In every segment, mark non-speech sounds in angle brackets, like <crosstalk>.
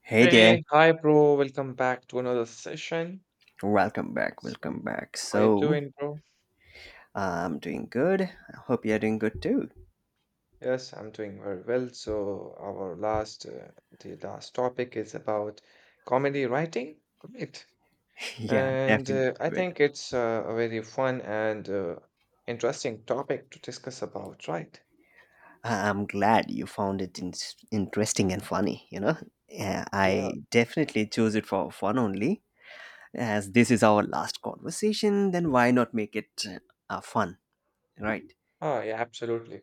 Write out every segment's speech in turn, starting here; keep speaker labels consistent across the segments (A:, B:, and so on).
A: Hey there,
B: Hey, hi, bro. Welcome back to another session.
A: welcome back,
B: S-
A: welcome back.
B: How you doing, bro?
A: I'm doing good. I hope you're doing good too.
B: Yes, I'm doing very well. So our last topic is about comedy writing, right?
A: <laughs> Yeah,
B: And
A: definitely.
B: I
A: Man.
B: think it's a very fun and interesting topic to discuss about, right?
A: I'm glad you found it interesting and funny, you know. Yeah,
B: Yeah,
A: I definitely chose it for fun only. As this is our last conversation, then why not make it fun, right?
B: oh, yeah, absolutely.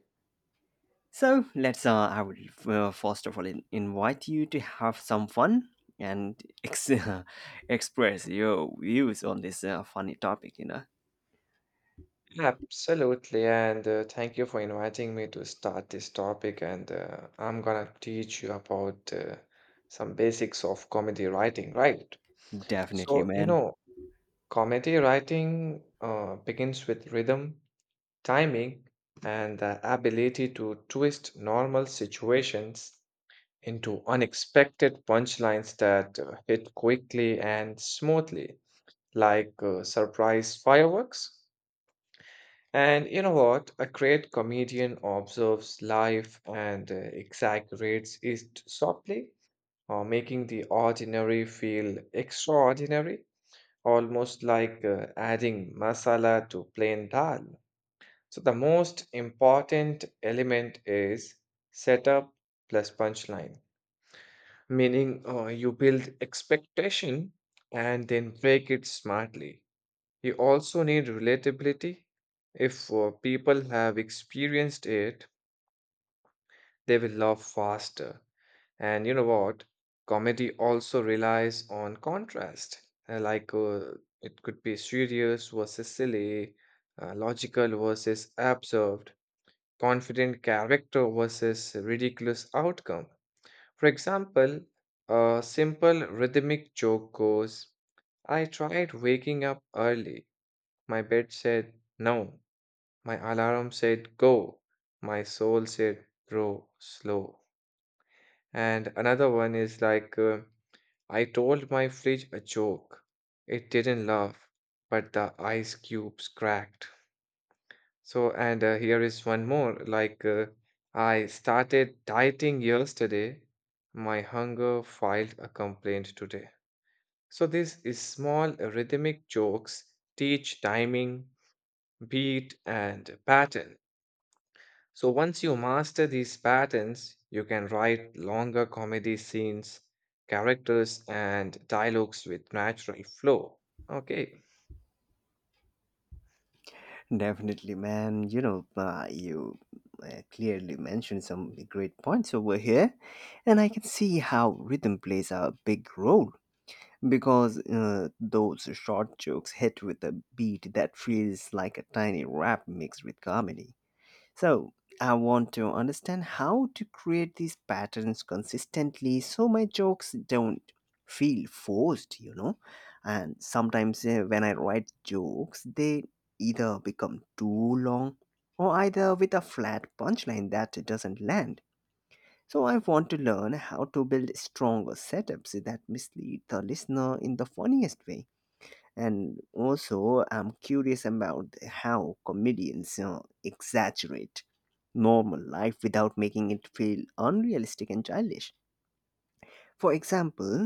A: So, I would first of all invite you to have some fun and ex- <laughs> express your views on this funny topic, you know.
B: Absolutely, and thank you for inviting me to start this topic. And I'm gonna teach you about some basics of comedy writing, right?
A: Definitely,
B: So, you
A: man.
B: know, comedy writing begins with rhythm, timing, and the ability to twist normal situations into unexpected punchlines that hit quickly and smoothly, like surprise fireworks. And you know what? A great comedian observes life and exaggerates it softly, or making the ordinary feel extraordinary, almost like adding masala to plain dal. So, the most important element is setup plus punchline, meaning you build expectation and then break it smartly. You also need relatability. If people have experienced it, they will laugh faster. And you know what? Comedy also relies on contrast. Like, it could be serious versus silly, logical versus absurd, confident character versus ridiculous outcome. For example, a simple rhythmic joke goes, I tried waking up early. My bed said no. My alarm said go, my soul said grow slow. And another one is like, I told my fridge a joke. It didn't laugh, but the ice cubes cracked. So, and here is one more like, I started dieting yesterday. My hunger filed a complaint today. So, this is small rhythmic jokes teach timing, beat, and pattern. So once you master these patterns, you can write longer comedy scenes, characters, and dialogues with natural flow. Okay.
A: Definitely, man. You know, you clearly mentioned some great points over here, and I can see how rhythm plays a big role because those short jokes hit with a beat that feels like a tiny rap mixed with comedy. So, I want to understand how to create these patterns consistently so my jokes don't feel forced, you know. And sometimes when I write jokes, they either become too long or either with a flat punchline that doesn't land. So I want to learn how to build stronger setups that mislead the listener in the funniest way. And also, I'm curious about how comedians exaggerate normal life without making it feel unrealistic and childish. For example,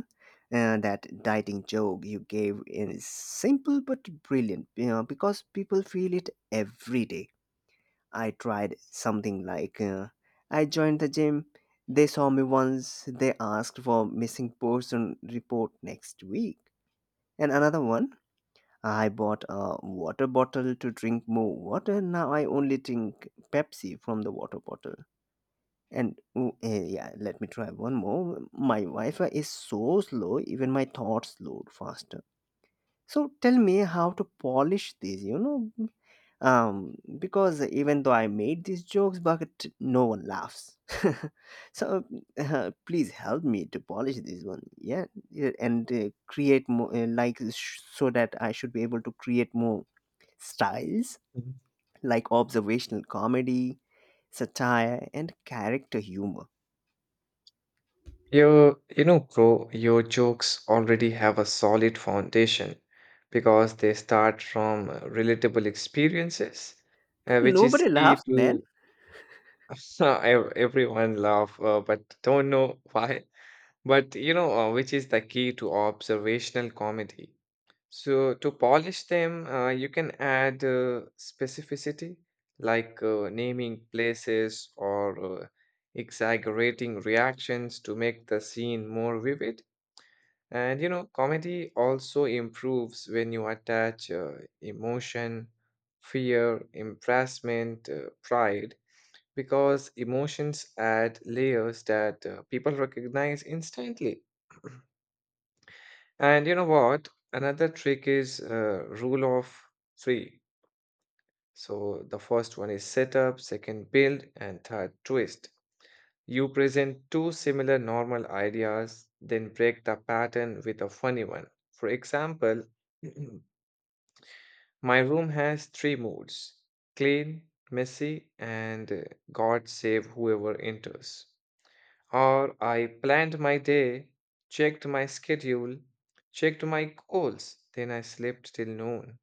A: that dieting joke you gave is simple but brilliant, you know, because people feel it every day. I tried something like I joined the gym. They saw me once. They asked for missing person report next week. And another one, I bought a water bottle to drink more water. Now I only drink Pepsi from the water bottle. And yeah, let me try one more. My Wi-Fi is so slow. Even my thoughts load faster. So tell me how to polish this. You know, because even though I made these jokes but no one laughs. <laughs> So please help me to polish this one. Yeah, yeah, and create more so that I should be able to create more styles
B: Mhm.
A: like observational comedy, satire, and character humor.
B: You know, bro, your jokes already have a solid foundation because they start from relatable experiences,
A: But
B: which is
A: nobody
B: key
A: laughs, man.
B: to <laughs> everyone laugh, but don't know <laughs> why. But you know, which is the key to observational comedy. So to polish them, you can add specificity, like naming places or exaggerating reactions to make the scene more vivid. And you know, comedy also improves when you attach emotion, fear, embarrassment, pride, because emotions add layers that people recognize instantly. And you know what? Another trick is rule of three. So the first one is setup, second build, and third twist. You present two similar normal ideas, then break the pattern with a funny one. For example, <clears throat> my room has three moods: clean, messy, and God save whoever enters. Or I planned my day, checked my schedule, checked my goals, then I slept till noon.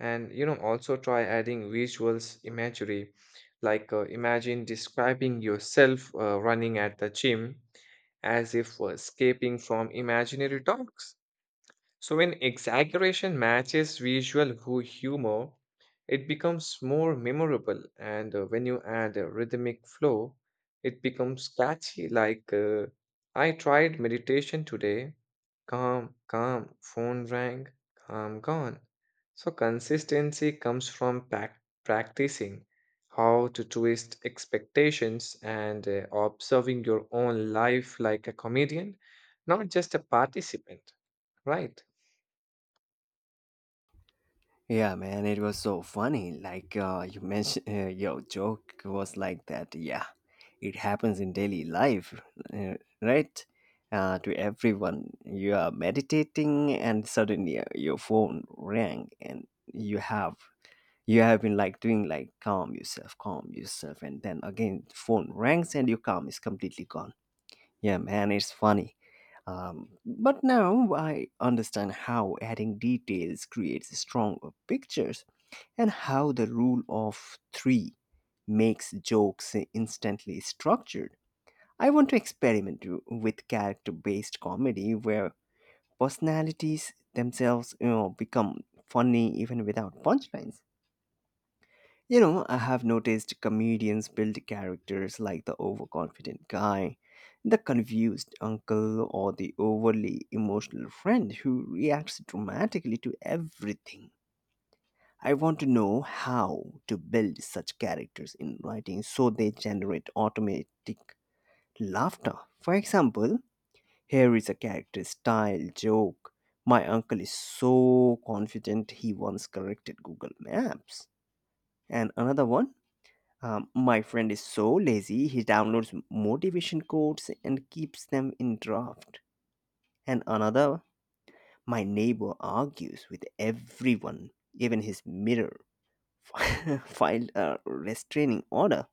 B: And you know, also try adding visuals imagery, like imagine describing yourself running at the gym as if escaping from imaginary dogs. So when exaggeration matches visual humor, it becomes more memorable. And when you add a rhythmic flow, it becomes catchy. Like I tried meditation today. Calm, calm, phone rang, calm, gone. So consistency comes from practicing how to twist expectations and observing your own life like a comedian, not just a participant, right?
A: Yeah, man, it was so funny. Like you mentioned, <laughs> your joke was like that. Yeah, it happens in daily life, uh, right? To everyone, you are meditating, and suddenly your phone rang, and you have been like doing like calm yourself, and then again phone rings, and your calm is completely gone. Yeah, man, it's funny. But now I understand how adding details creates stronger pictures and how the rule of three makes jokes instantly structured. I want to experiment with character based comedy where personalities themselves, you know, become funny even without punchlines. You know, I have noticed comedians build characters like the overconfident guy, the confused uncle, or the overly emotional friend who reacts dramatically to everything. I want to know how to build such characters in writing so they generate automatic laughter. For example, here is a character style joke. My uncle is so confident he once corrected Google Maps. And another one, my friend is so lazy he downloads motivation quotes and keeps them in draft. And another, my neighbor argues with everyone, even his mirror. <laughs> Filed a restraining order.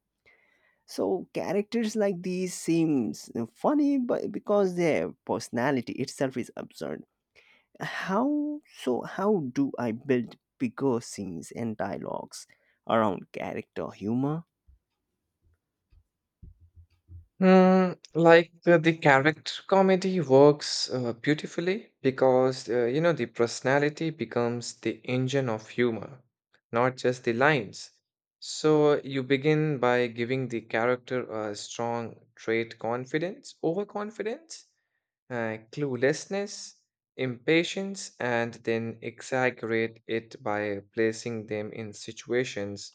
A: So characters like these seems funny, but because their personality itself is absurd. How so? How do I build bigger scenes and dialogues around character humor? <sighs>
B: Mm, like the character comedy works beautifully because you know the personality becomes the engine of humor, not just the lines. So you begin by giving the character a strong trait: confidence, overconfidence, cluelessness, impatience, and then exaggerate it by placing them in situations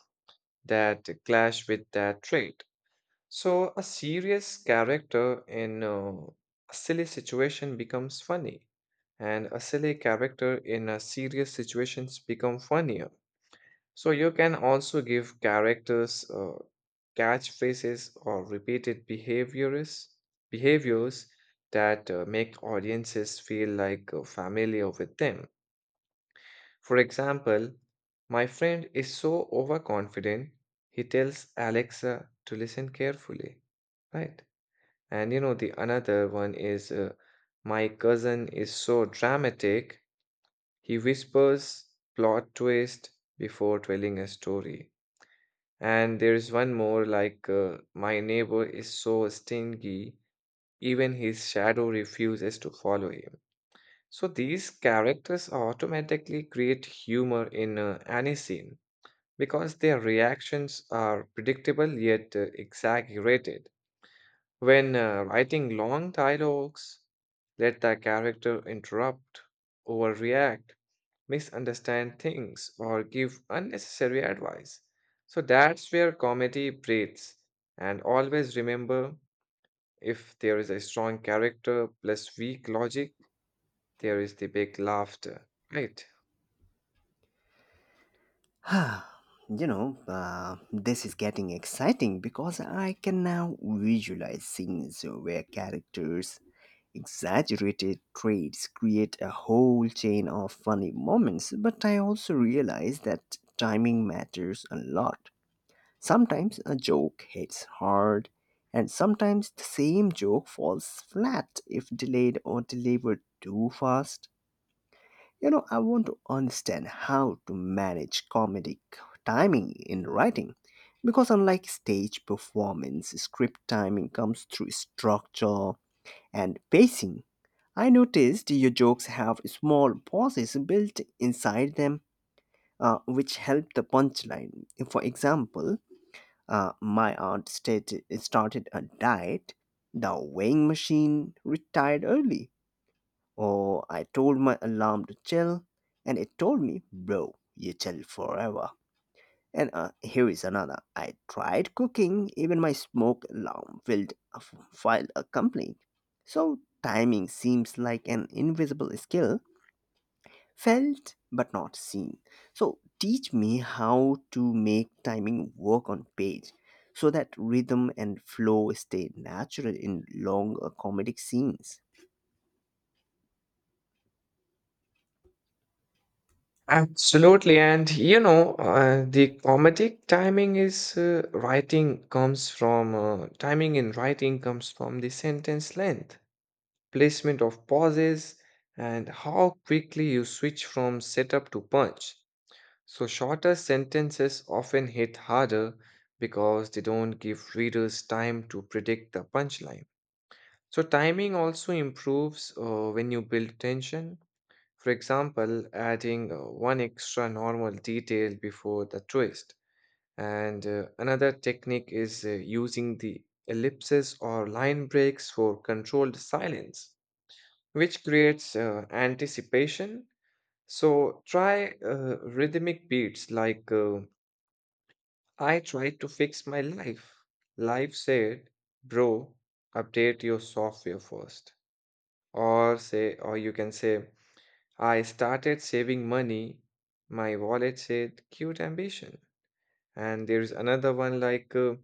B: that clash with that trait. So, a serious character in a silly situation becomes funny, and a silly character in a serious situations become funnier. So you can also give characters catchphrases or repeated behaviors that make audiences feel like familiar with them. For example, my friend is so overconfident, he tells Alexa to listen carefully, right? And you know the another one is my cousin is so dramatic, he whispers plot twist before telling a story. And there's one more like, my neighbor is so stingy, even his shadow refuses to follow him. So these characters automatically create humor in any scene because their reactions are predictable yet exaggerated. When writing long dialogues, let the character interrupt, overreact, misunderstand things, or give unnecessary advice. So that's where comedy breathes. And always remember, if there is a strong character plus weak logic, there is the big laughter, right?
A: Ah, you know, this is getting exciting because I can now visualize scenes where characters exaggerated traits create a whole chain of funny moments, but I also realize that timing matters a lot. Sometimes a joke hits hard, and sometimes the same joke falls flat if delayed or delivered too fast. You know, I want to understand how to manage comedic timing in writing because, unlike stage performance, script timing comes through structure and pacing. I noticed your jokes have small pauses built inside them, which help the punchline. For example, my aunt started a diet, the weighing machine retired early. Or I told my alarm to chill, and it told me, bro, you chill forever. And here is another. I tried cooking, even my smoke alarm filed a complaint. So timing seems like an invisible skill, felt but not seen. So teach me how to make timing work on page so that rhythm and flow stay natural in long comedic scenes.
B: Absolutely. And you know, the comedic timing is writing comes from timing in writing comes from the sentence length, placement of pauses, and how quickly you switch from setup to punch. So, shorter sentences often hit harder because they don't give readers time to predict the punchline. So, timing also improves when you build tension. For example, adding one extra normal detail before the twist. And another technique is using the ellipses or line breaks for controlled silence, which creates anticipation. So, try rhythmic beats like I tried to fix my life. Life said, bro, update your software first. Or say, or you can say, I started saving money. My wallet said, cute ambition. And there's another one like,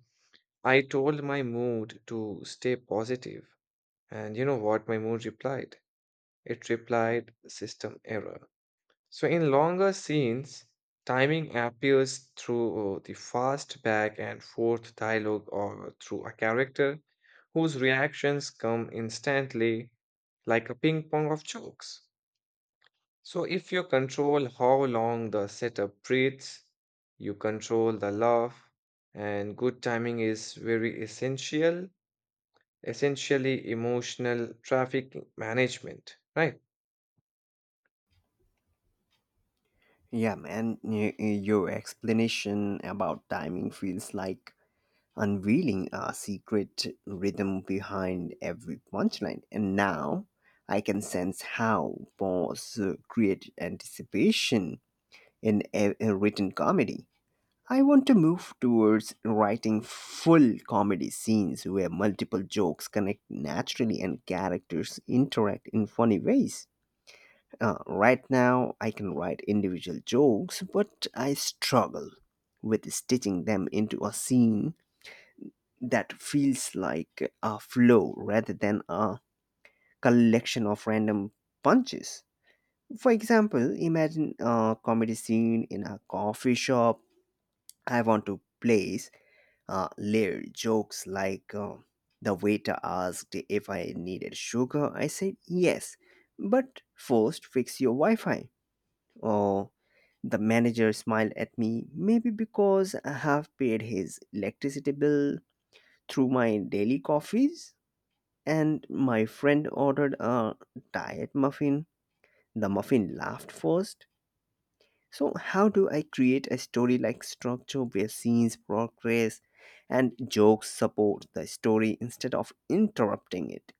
B: I told my mood to stay positive. And you know what my mood replied? It replied, system error. So, in longer scenes, timing appears through the fast back and forth dialogue or through a character whose reactions come instantly, like a ping pong of jokes. So, if you control how long the setup breathes, you control the laugh, and good timing is very essential, essentially emotional traffic management, right?
A: Yeah, man, your explanation about timing feels like unveiling a secret rhythm behind every punchline, and now I can sense how pause create anticipation in a written comedy. I want to move towards writing full comedy scenes where multiple jokes connect naturally and characters interact in funny ways. Right now, I can write individual jokes, but I struggle with stitching them into a scene that feels like a flow rather than a collection of random punches. For example, imagine a comedy scene in a coffee shop. I want to place layer jokes like the waiter asked if I needed sugar. I said yes, but first fix your Wi Fi. Or the manager smiled at me, maybe because I have paid his electricity bill through my daily coffees. And my friend ordered a diet muffin. The muffin laughed first. So, how do I create a story like structure where scenes, progress, and jokes support the story instead of interrupting it?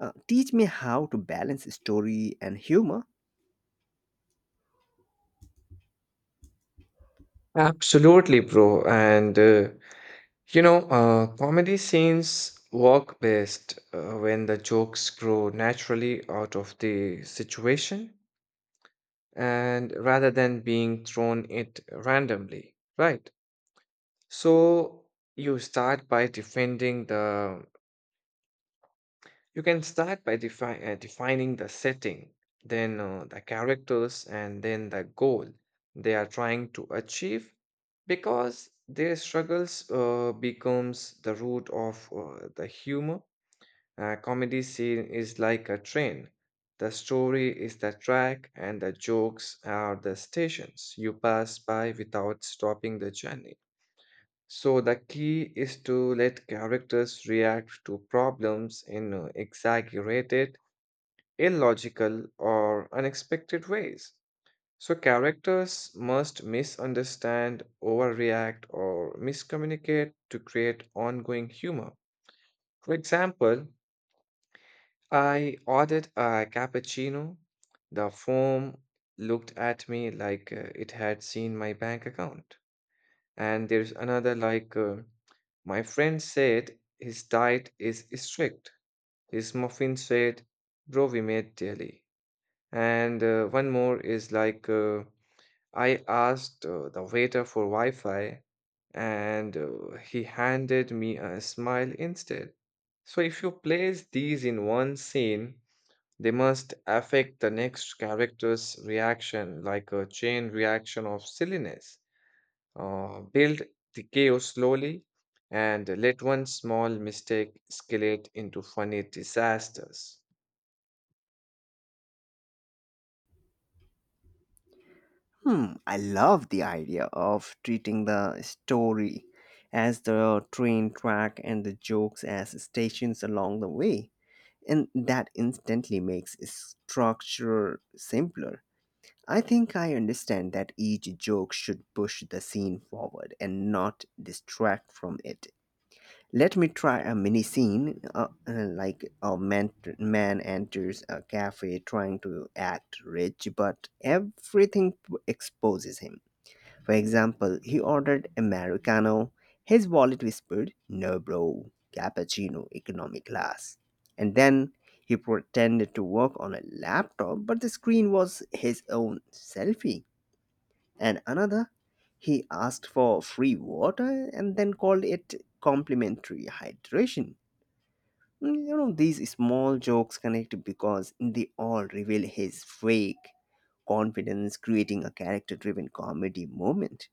A: Teach me how to balance story and humor.
B: Absolutely, bro. And you know, comedy scenes work best when the jokes grow naturally out of the situation and rather than being thrown it randomly, right? So you start by defending the, you can start by defining the setting, then the characters, and then the goal they are trying to achieve, because their struggles becomes the root of the humor. A comedy scene is like a train. The story is the track, and the jokes are the stations you pass by without stopping the journey. So, the key is to let characters react to problems in exaggerated, illogical, or unexpected ways. So, characters must misunderstand, overreact, or miscommunicate to create ongoing humor. For example, I ordered a cappuccino. The phone looked at me like it had seen my bank account. And there's another like, my friend said his diet is strict. His muffin said, bro, we made daily. And one more is like, I asked the waiter for Wi-Fi and he handed me a smile instead. So if you place these in one scene, they must affect the next character's reaction like a chain reaction of silliness. Build the chaos slowly and let one small mistake escalate into funny disasters.
A: Hmm, I love the idea of treating the story as the train track and the jokes as stations along the way. And that instantly makes structure simpler. I think I understand that each joke should push the scene forward and not distract from it. Let me try a mini scene, like a man enters a cafe trying to act rich, but everything exposes him. For example, he ordered Americano. His wallet whispered, no, bro, cappuccino, economy class. And then he pretended to work on a laptop, but the screen was his own selfie. And another, he asked for free water and then called it complimentary hydration. Mm, you know these small jokes connect because they all reveal his fake confidence, creating a character driven comedy moment.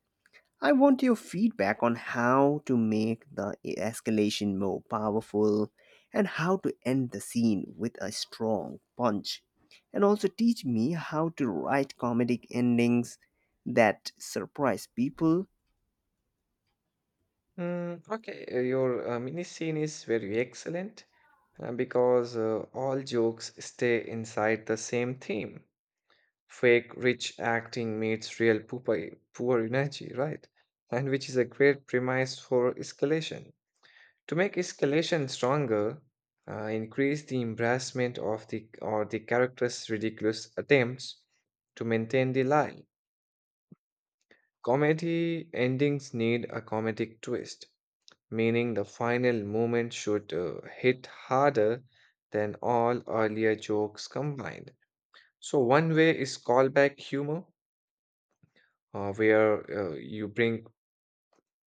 A: I want your feedback on how to make the escalation more powerful and how to end the scene with a strong punch. And also teach me how to write comedic endings that surprise people.
B: Mm, okay, your mini scene is very excellent because all jokes stay inside the same theme. Fake rich acting meets real poor energy, right? And which is a great premise for escalation. To make escalation stronger, increase the embarrassment of the or the character's ridiculous attempts to maintain the lie. Comedy endings need a comedic twist, meaning the final moment should hit harder than all earlier jokes combined. So one way is callback humor, where you bring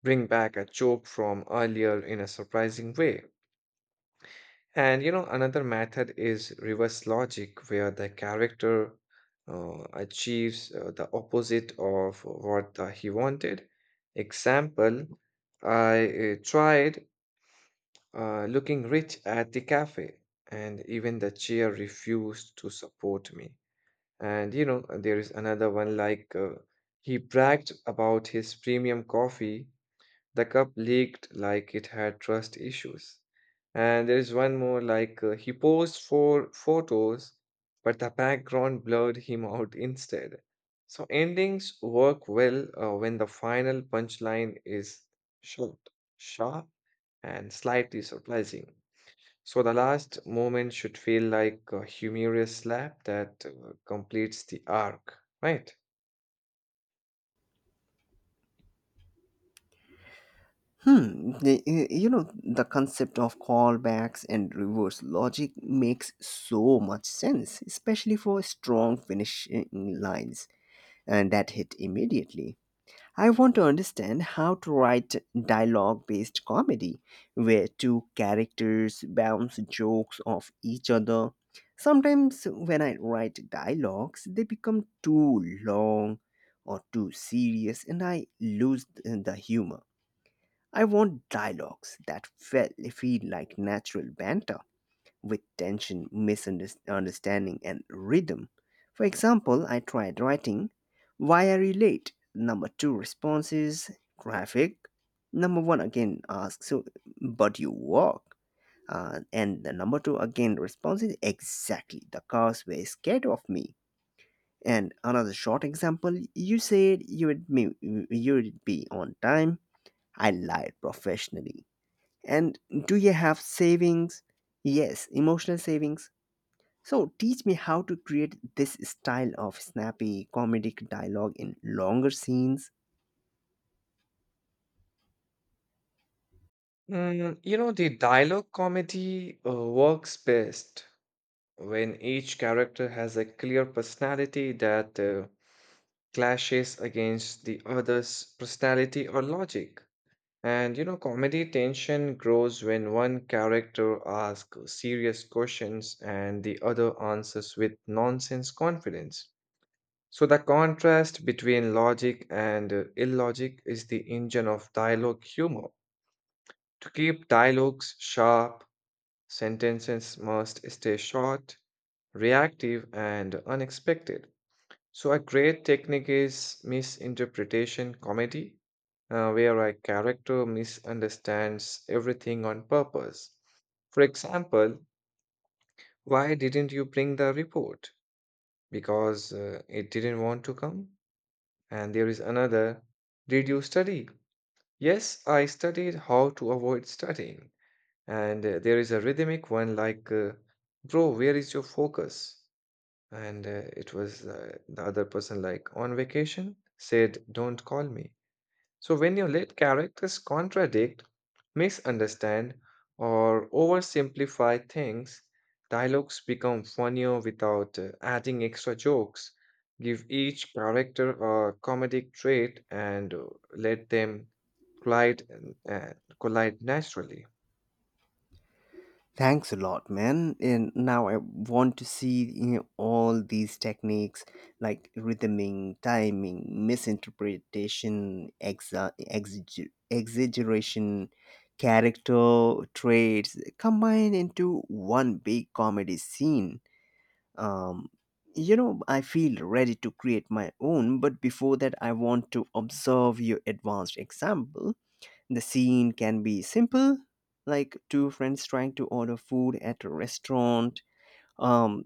B: bring back a joke from earlier in a surprising way. And you know, another method is reverse logic, where the character achieves the opposite of what he wanted. Example, I tried looking rich at the cafe, and even the chair refused to support me. And you know, there is another one like, he bragged about his premium coffee, the cup leaked like it had trust issues. And there is one more like, he posed for photos, but the background blurred him out instead. So endings work well when the final punchline is short, sharp, and slightly surprising. So the last moment should feel like a humorous slap that completes the arc, right?
A: Hmm, you know, the concept of callbacks and reverse logic makes so much sense, especially for strong finishing lines and that hit immediately. I want to understand how to write dialogue based comedy where two characters bounce jokes off each other. Sometimes when I write dialogues, they become too long or too serious and I lose the humor. I want dialogues that feel like natural banter with tension, misunderstanding, and rhythm. For example, I tried writing, why are you late? Number two response is traffic. Number one again asks, so, but you walk. And the number two again response is exactly the cars were scared of me. And another short example, you would be on time. I lied professionally. And do you have savings? Yes, emotional savings. So, teach me how to create this style of snappy comedic dialogue in longer scenes.
B: Mm, you know, the dialogue comedy works best when each character has a clear personality that clashes against the other's personality or logic. And you know, comedy tension grows when one character asks serious questions and the other answers with nonsense confidence. So the contrast between logic and illogic is the engine of dialogue humor. To keep dialogues sharp, sentences must stay short, reactive, and unexpected. So, a great technique is misinterpretation comedy, where a character misunderstands everything on purpose. For example, why didn't you bring the report? Because it didn't want to come. And there is another, did you study? Yes, I studied how to avoid studying. And there is a rhythmic one like bro, where is your focus? And it was the other person like on vacation said, don't call me. So when you let characters contradict, misunderstand, or oversimplify things, dialogues become funnier without adding extra jokes. Give each character a comedic trait, and let them collide uh, collide naturally.
A: Thanks a lot, man. And now I want to see, you know, all these techniques like rhythming, timing, misinterpretation, exaggeration, character traits combined into one big comedy scene. Um, you know, I feel ready to create my own, but before that, I want to observe your advanced example. The scene can be simple, like two friends trying to order food at a restaurant, um,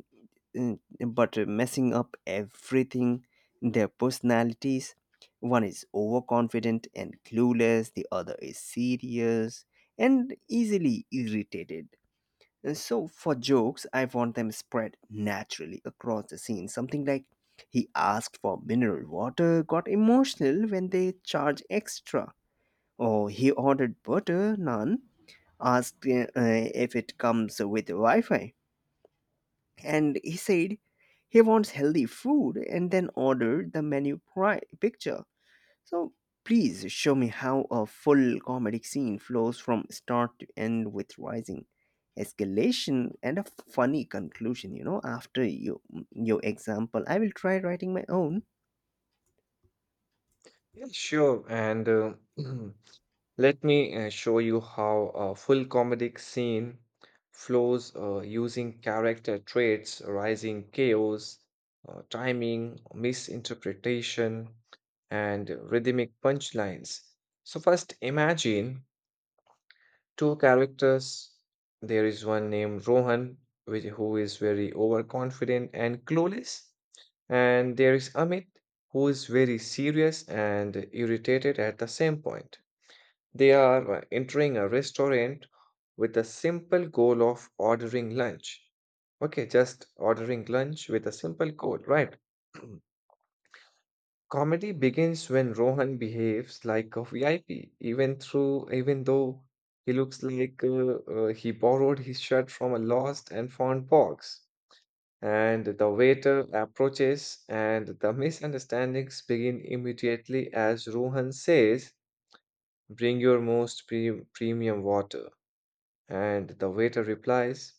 A: mm, but messing up everything, their personalities. One is overconfident and clueless, the other is serious and easily irritated. And so for jokes, I want them spread naturally across the scene. Something like, he asked for mineral water, got emotional when they charge extra. Or he ordered butter, naan, asked if it comes with Wi Fi. And he said he wants healthy food and then ordered the menu picture. So please show me how a full comedic scene flows from start to end with rising escalation and a funny conclusion, you know, after you your example. I will try writing my own.
B: Yeah, sure. And <clears throat> let me show you how a full comedic scene flows using character traits, rising chaos, timing, misinterpretation, and rhythmic punchlines. So, first imagine two characters. There is one named Rohan, who is very overconfident and clueless. And there is Amit, who is very serious and irritated at the same point. They are entering a restaurant with a simple goal of ordering lunch. Okay, just ordering lunch with a simple goal, right? <clears throat> Comedy begins when Rohan behaves like a VIP, even though he looks like he borrowed his shirt from a lost and found box, and the waiter approaches, and the misunderstandings begin immediately as Rohan says, bring your most premium water. And the waiter replies,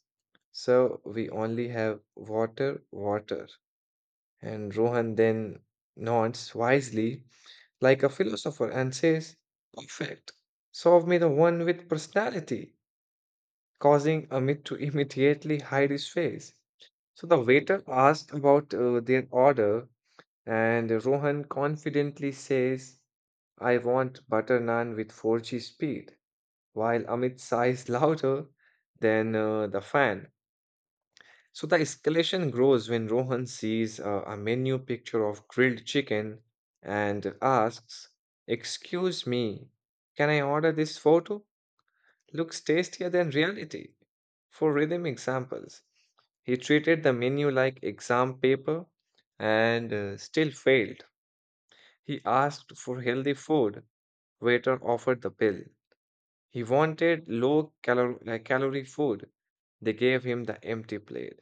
B: so we only have water. And Rohan then nods wisely, like a philosopher, and says, perfect. Solve me the one with personality, causing Amit to immediately hide his face. So the waiter asked about their order, and Rohan confidently says, I want butter naan with 4G speed, while Amit sighs <laughs> louder than the fan. So the escalation grows when Rohan sees a menu picture of grilled chicken and asks, excuse me, can I order this photo? Looks tastier than reality. For rhythm examples, he treated the menu like exam paper and still failed. He asked for healthy food. Waiter offered the bill. He wanted low calor- like calorie food. They gave him the empty plate.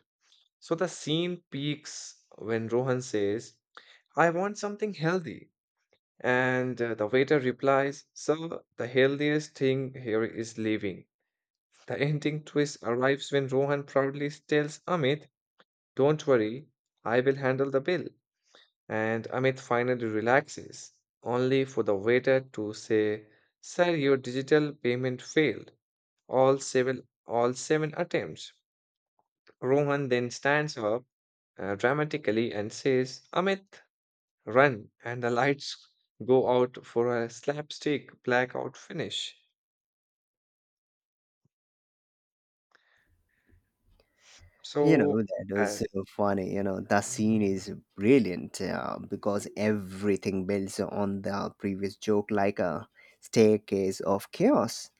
B: So the scene peaks when Rohan says, I want something healthy. And the waiter replies, sir, the healthiest thing here is leaving. The ending twist arrives when Rohan proudly tells Amit, don't worry, I will handle the bill. And Amit finally relaxes, only for the waiter to say, sir, your digital payment failed. All seven attempts. Rohan then stands up dramatically and says, Amit, run, and the lights go out for a slapstick blackout finish.
A: You know,
B: So,
A: that was
B: uh,
A: so funny. You know, the scene
B: Mm.
A: is brilliant because everything builds on the previous joke like a staircase of chaos.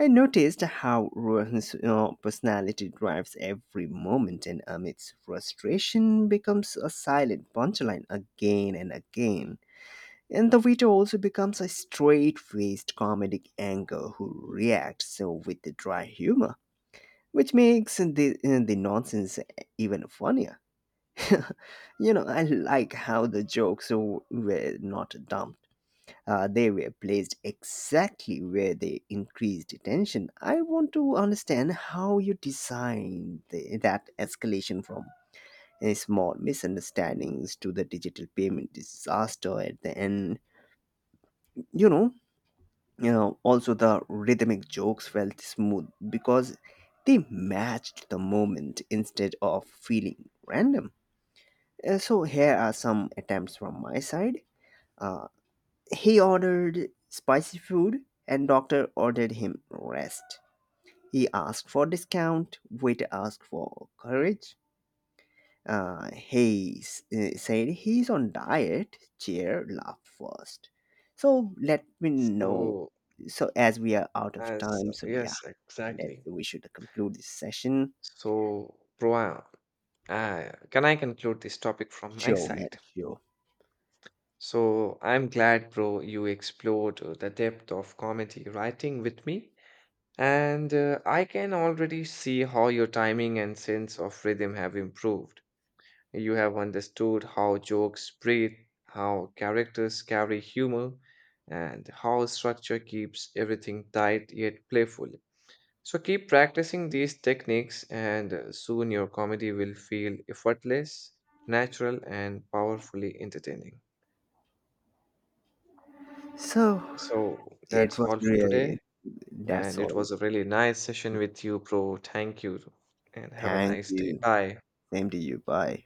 A: I noticed how Rohan's personality drives every moment, and Amit's frustration becomes a silent punchline again and again. And the Vito also becomes a straight faced comedic anchor who reacts with the dry humor, which makes the nonsense even funnier. <laughs> You know, I like how the jokes were not dumbed, they were placed exactly where they increased tension. I want to understand how you designed that escalation from small misunderstandings to the digital payment disaster at the end. You know, you know, also the rhythmic jokes felt smooth because they matched the moment instead of feeling random. So here are some attempts from my side. Uh, He ordered spicy food and doctor ordered him rest. He asked for discount, waiter asked for courage. Said he's on diet, chair laughed first. So let me know.
B: so
A: So as we are out of
B: as
A: time, so yeah,
B: Yes,
A: let
B: exactly.
A: we should conclude this session.
B: So, Proa, uh, can I conclude this topic from my
A: Sure, man,
B: side?
A: sure.
B: So I'm glad, bro, you explored the depth of comedy writing with me. And I can already see how your timing and sense of rhythm have improved. You have understood how jokes breathe, how characters carry humor, and how structure keeps everything tight yet playful. So keep practicing these techniques, and soon your comedy will feel effortless, natural, and powerfully entertaining.
A: So
B: So
A: it
B: that's
A: was
B: all for
A: really,
B: today.
A: that's
B: And it
A: all.
B: was a really nice session with you, bro. Thank you. And have a
A: Thank
B: nice day.
A: you.
B: Bye.
A: Same to you. Bye.